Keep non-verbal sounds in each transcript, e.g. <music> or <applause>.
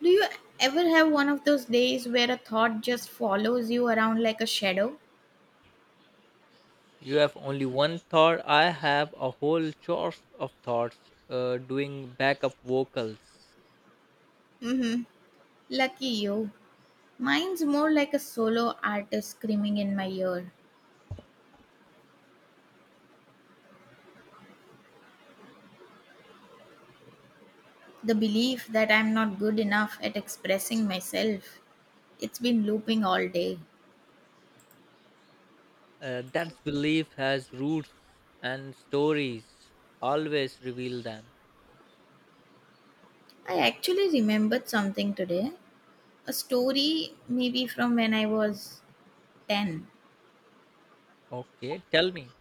Do you ever have one of those days where a thought just follows you around like a shadow? You have only one thought. I have a whole chorus of thoughts doing backup vocals. Mm-hmm. Lucky you. Mine's more like a solo artist screaming in my ear. The belief that I'm not good enough at expressing myself. It's been looping all day. That belief has roots and stories. Always reveal them. I actually remembered something today. A story, maybe from when I was 10. Okay, tell me.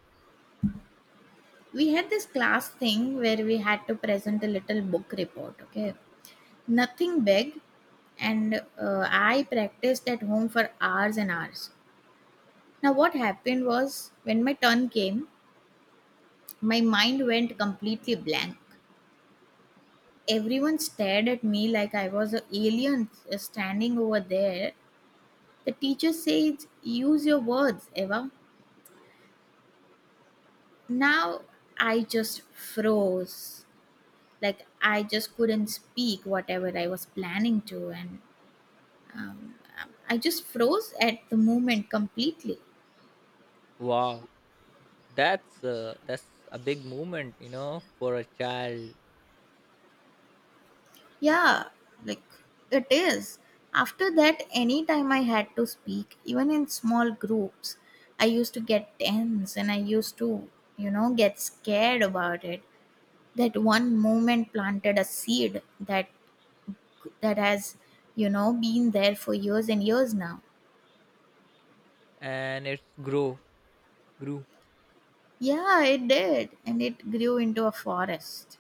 We had this class thing where we had to present a little book report, okay? Nothing big, and I practiced at home for hours and hours. Now what happened was, when my turn came, my mind went completely blank. Everyone stared at me like I was an alien standing over there. The teacher says, use your words, Eva. Now I just froze, like I just couldn't speak whatever I was planning to. And um, I just froze at the moment completely. Wow, that's that's a big moment, you know, for a child, Yeah, like it is. After that, anytime I had to speak, even in small groups, I used to get tense and I used to, get scared about it. That one moment planted a seed that that has been there for years and years now. and it's grow grew Yeah, it did, and it grew into a forest.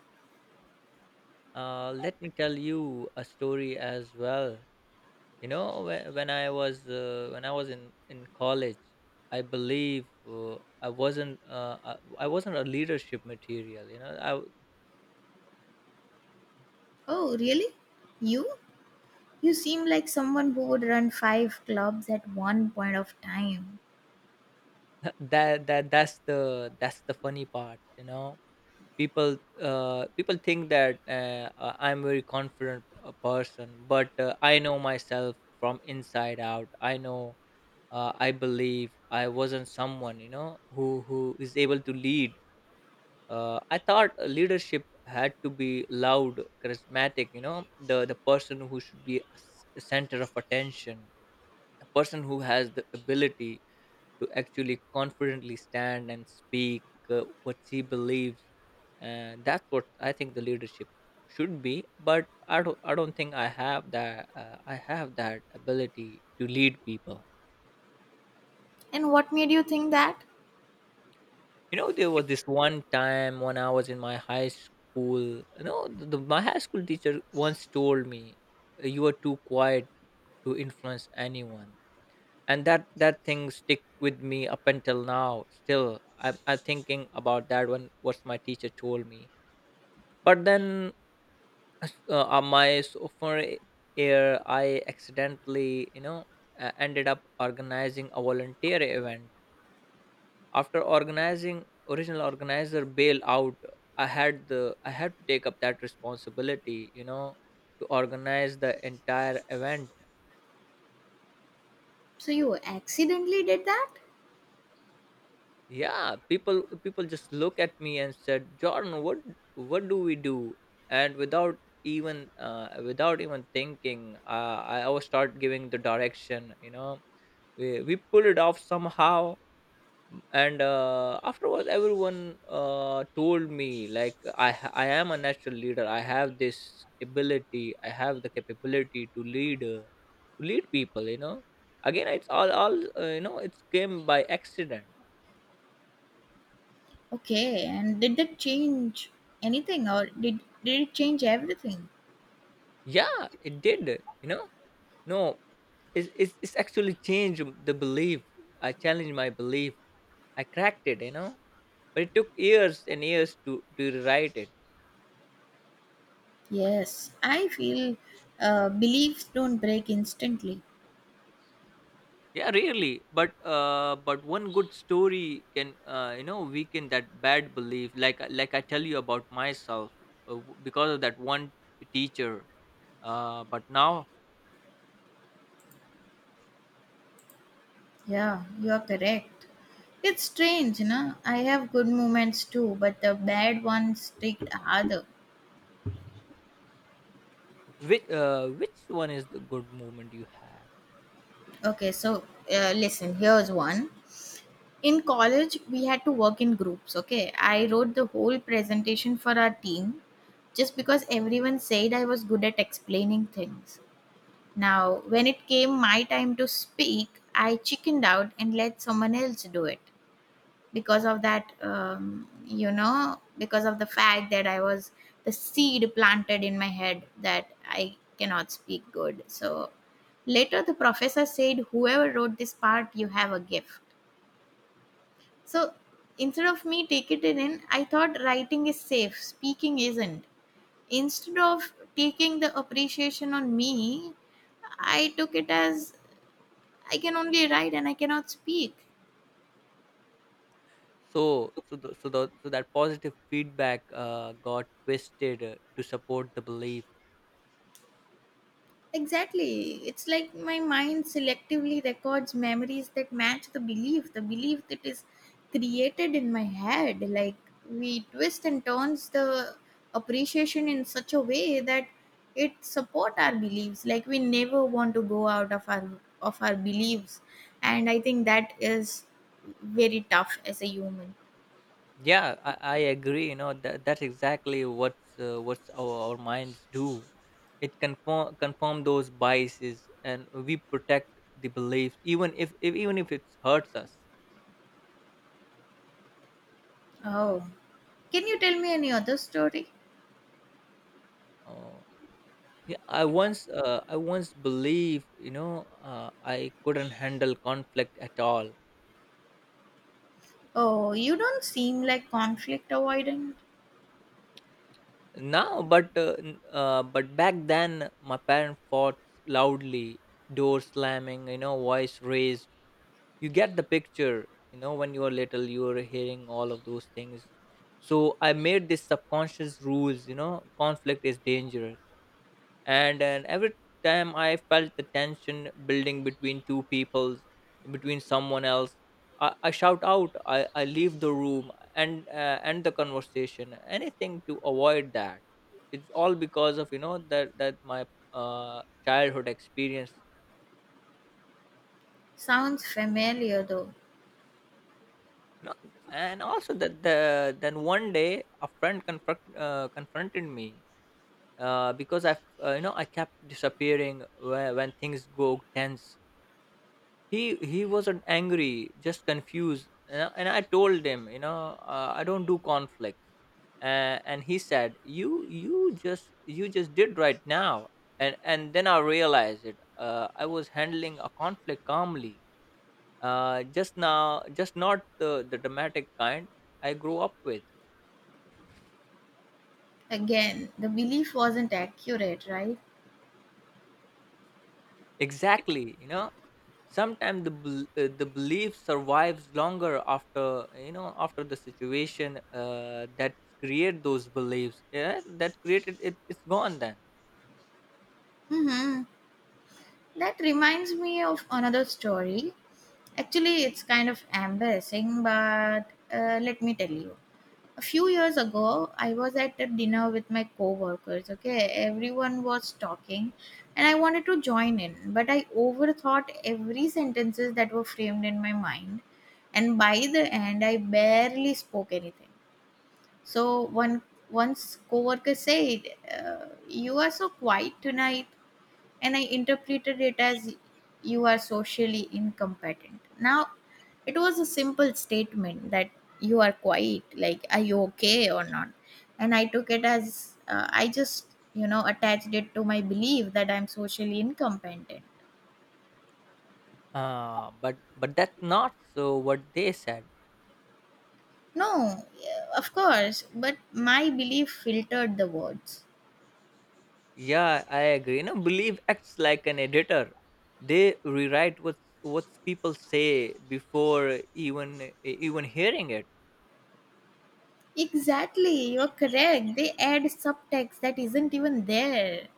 Let me tell you a story as well. You know whe- when I was in college. I believe i wasn't uh, i I wasn't a leadership material, you know. Oh, really? You? You seem like someone who would run five clubs at one point of time. <laughs> That's the funny part, you know. People, people think that I'm very confident a person, but I know myself from inside out. I know, I believe I wasn't someone, you know, who is able to lead. I thought leadership had to be loud, charismatic. You know, the person who should be a center of attention, a person who has the ability to actually confidently stand and speak what she believes. And that's what I think the leadership should be. But I don't think I have that. I have that ability to lead people. And what made you think that? You know, there was this one time when I was in my high school. You know, my high school teacher once told me, "You are too quiet to influence anyone," and that thing stick with me up until now. Still, I'm thinking about that one. What my teacher told me, but then my sophomore year, I accidentally, you know, ended up organizing a volunteer event. After organizing original organizer bail out, I had to take up that responsibility, you know, to organize the entire event. So you accidentally did that? Yeah, people just look at me and said, "Jordan, what do we do?" And without even without even thinking, I was start giving the direction. You know, we pulled it off somehow, and afterwards everyone told me like, I am a natural leader. I have this ability. I have the capability to lead, to lead people, you know. Again, it's all, you know, it came by accident. Okay, and did that change anything, or did it change everything? Yeah, it did, you know. No, it's actually changed the belief. I challenged my belief. I cracked it, you know, but it took years and years to rewrite it. Yes, I feel beliefs don't break instantly. Yeah, really, but one good story can you know weaken that bad belief, like I tell you about myself. Because of that one teacher. But now, Yeah, you are correct. It's strange, you know. I have good moments too, but the bad ones stick harder. Which one is the good movement you have? Okay, so listen, here's one. In college, we had to work in groups. Okay, I wrote the whole presentation for our team just because everyone said I was good at explaining things. Now, when it came my time to speak, I chickened out and let someone else do it because of that, because of the fact that I was, the seed planted in my head that I cannot speak good. So later the professor said, "Whoever wrote this part, you have a gift." So instead of me taking it in, I thought writing is safe, speaking isn't. Instead of taking the appreciation on me, I took it as I can only write and I cannot speak. So, so that positive feedback got twisted to support the belief. Exactly. It's like my mind selectively records memories that match the belief that is created in my head. Like we twist and turns the appreciation in such a way that it support our beliefs. Like we never want to go out of our, of our beliefs. And I think that is very tough as a human. Yeah, I agree. You know, that's exactly what's our minds do. It confirm those biases, and we protect the beliefs, even if even if it hurts us. Oh, can you tell me any other story? Uh, yeah, I once believed, you know, I couldn't handle conflict at all. Oh, you don't seem like conflict avoidant. Now, but back then, my parent fought loudly, door slamming, you know, voice raised. You get the picture. You know, when you are little, you are hearing all of those things. So I made this subconscious rules, you know. Conflict is dangerous. And every time I felt the tension building between two peoples, between someone else, I shout out. I leave the room and end the conversation, anything to avoid that. It's all because of, you know, that my childhood experience. Sounds familiar though. No, and also that the then one day a friend confronted me because I, you know, I kept disappearing when things go tense. He wasn't angry, just confused, and I told him, you know, I don't do conflicts, and he said, you you just did right now, and then I realized it. I was handling a conflict calmly, just now, just not the dramatic kind I grew up with. Again, the belief wasn't accurate, right? Exactly, you know. Sometimes the belief survives longer after, you know, after the situation that create those beliefs, yeah, that created it. It's gone then. Mm-hmm. That reminds me of another story. Actually, it's kind of embarrassing, but let me tell you. A few years ago I was at a dinner with my coworkers, okay? Everyone was talking, and I wanted to join in, but I overthought every sentences that were framed in my mind, and by the end I barely spoke anything. So one once coworker said, you are so quiet tonight. And I interpreted it as, you are socially incompetent. Now, it was a simple statement that, you are quiet, like, are you okay or not? And I took it as, I just, you know, attached it to my belief that I'm socially incompetent. But that's not so what they said. No, yeah, of course, but my belief filtered the words. Yeah, I agree, you know. Belief acts like an editor. They rewrite what people say before even hearing it. Exactly, you're correct. They add subtext that isn't even there.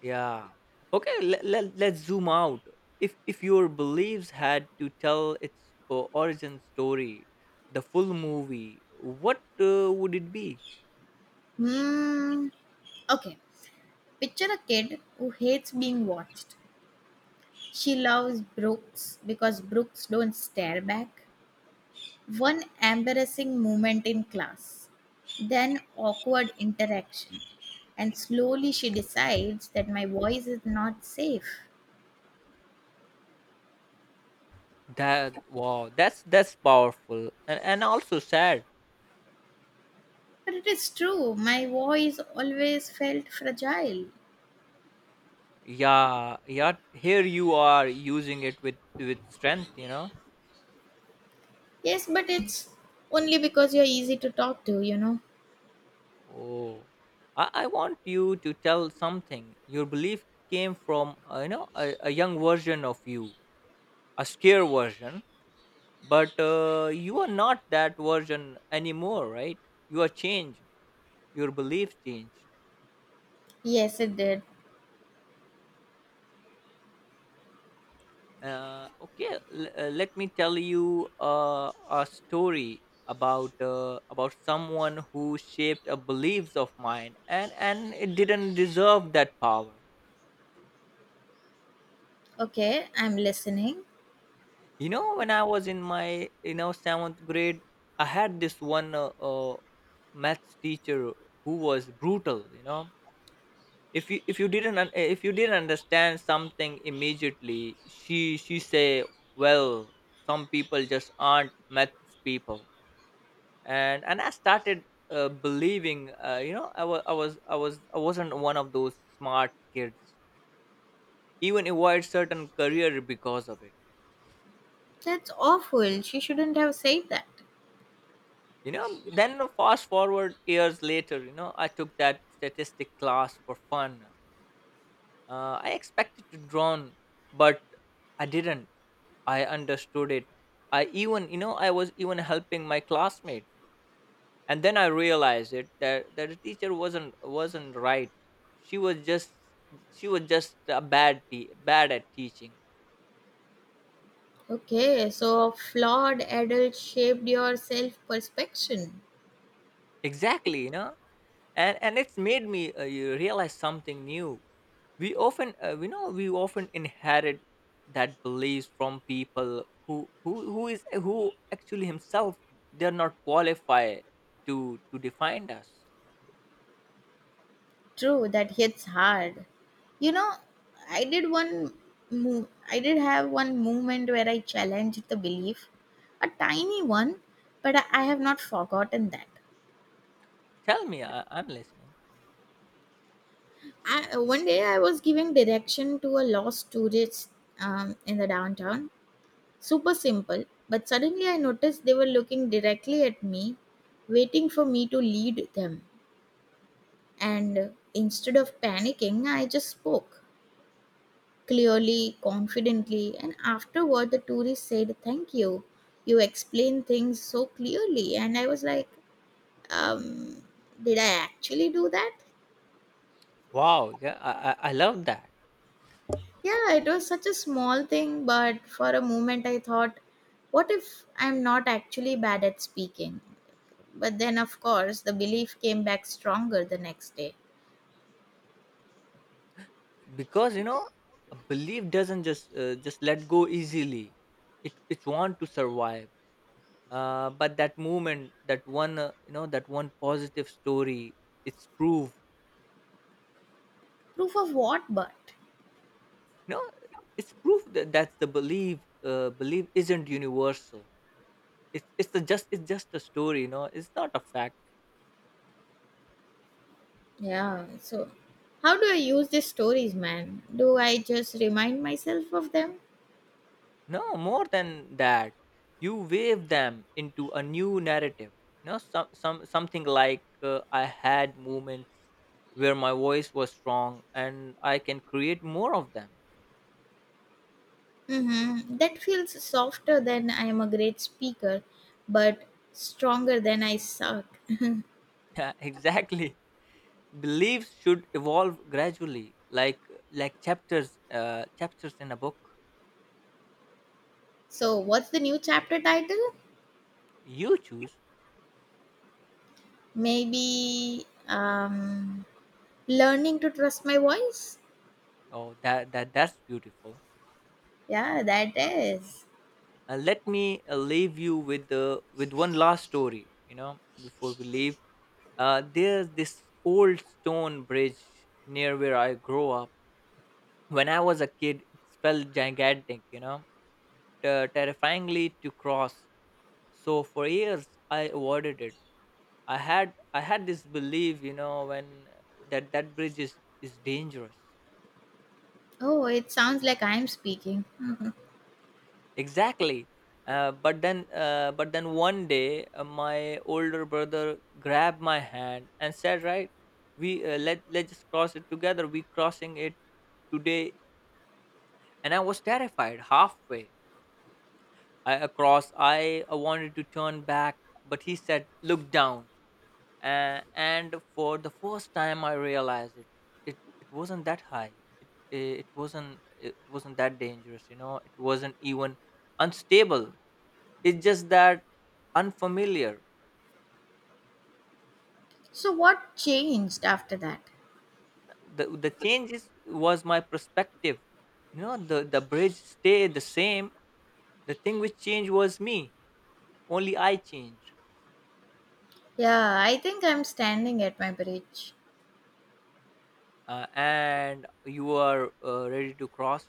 Yeah. Okay, let's zoom out. If your beliefs had to tell its origin story, the full movie, what would it be? Hmm. Okay. Picture a kid who hates being watched. She loves Brooks because Brooks don't stare back. One embarrassing moment in class, then awkward interaction. And slowly she decides that my voice is not safe. That wow, that's powerful and also sad. But it is true, my voice always felt fragile. Yeah, yeah. Here you are using it with strength. You know. Yes, but it's only because you're easy to talk to, you know. Oh, I want you to tell something. Your belief came from you know a young version of you, a scare version, but you are not that version anymore, right? You are changed. Your belief changed. Yes, it did. Okay, let me tell you a story about someone who shaped a beliefs of mine, and it didn't deserve that power. Okay, I'm listening. You know, when I was in my, you know, seventh grade, I had this one maths teacher who was brutal, you know. If you didn't if you didn't understand something immediately, she say, well, some people just aren't maths people. And I started, believing, you know, I wasn't one of those smart kids. Even avoid certain career because of it. That's awful. She shouldn't have said that. You know, then fast forward years later, you know, I took that statistic class for fun. I expected to drown, but I didn't. I understood it. I even, you know, I was even helping my classmate. And then I realized it that, that the teacher wasn't right. She was just she was just a bad bad at teaching. Okay, so a flawed adult shaped your self perception. Exactly, you know. And it's made me, you realize something new. We often, you know, we often inherit that beliefs from people who actually himself they're not qualified to define us. True, that hits hard. You know, I did one move. I did have one moment where I challenged the belief, a tiny one, but I have not forgotten that. Tell me, I'm listening. I, one day I was giving direction to a lost tourist in the downtown. Super simple, but suddenly I noticed they were looking directly at me, waiting for me to lead them. And instead of panicking, I just spoke clearly, confidently, and afterward the tourist said, "Thank you. You explained things so clearly." And I was like, um, did I actually do that? Wow, yeah, I I love that Yeah, it was such a small thing, but for a moment I thought, what if I'm not actually bad at speaking? But then, of course, the belief came back stronger the next day. because, you know, a belief doesn't just let go easily. It want to survive. But that movement, that one, you know, that one positive story, it's proof. Proof of what, but? No, it's proof that that's the belief. Belief isn't universal. It's the just it's just a story. You know, it's not a fact. Yeah. So, how do I use these stories, man? Do I just remind myself of them? No, more than that, you wave them into a new narrative. No, some something like, I had moments where my voice was strong, and I can create more of them. <laughs> Mm-hmm. That feels softer than "I am a great speaker," but stronger than "I suck." Yeah, exactly. Beliefs should evolve gradually, like chapters, chapters in a book. So, what's the new chapter title? You choose. Maybe Learning to Trust My Voice? Oh, that's beautiful. Yeah, that is. Let me leave you with the with one last story. You know, before we leave. There's this old stone bridge near where I grew up. When I was a kid, it felt gigantic, you know, terrifyingly to cross. So for years, I avoided it. I had this belief, you know, when that bridge is dangerous. Oh, it sounds like I'm speaking. Mhm. Exactly. But then one day, my older brother grabbed my hand and said, "Right, we let let's just cross it together. We crossing it today." And I was terrified halfway across. I wanted to turn back, but he said, "Look down." And for the first time, I realized it. It wasn't that high. It wasn't that dangerous. You know, it wasn't even unstable. It's just that unfamiliar. So, what changed after that? The changes was my perspective. You know, the bridge stayed the same. The thing which changed was me. Only I changed. Yeah, I think I'm standing at my bridge. And you are ready to cross.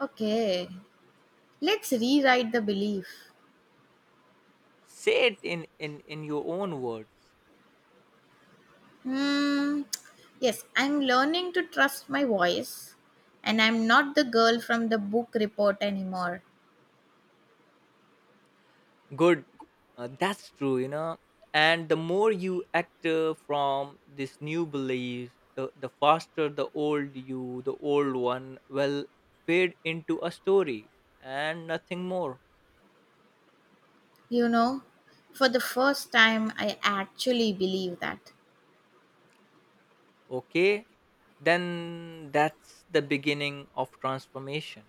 Okay, let's rewrite the belief. Say it in your own words. Hmm. Yes, I'm learning to trust my voice, and I'm not the girl from the book report anymore. Good. That's true, you know. And the more you act, from this new belief, the faster the old you, the old one will fade into a story and nothing more. You know, for the first time, I actually believe that. Okay, then that's the beginning of transformation.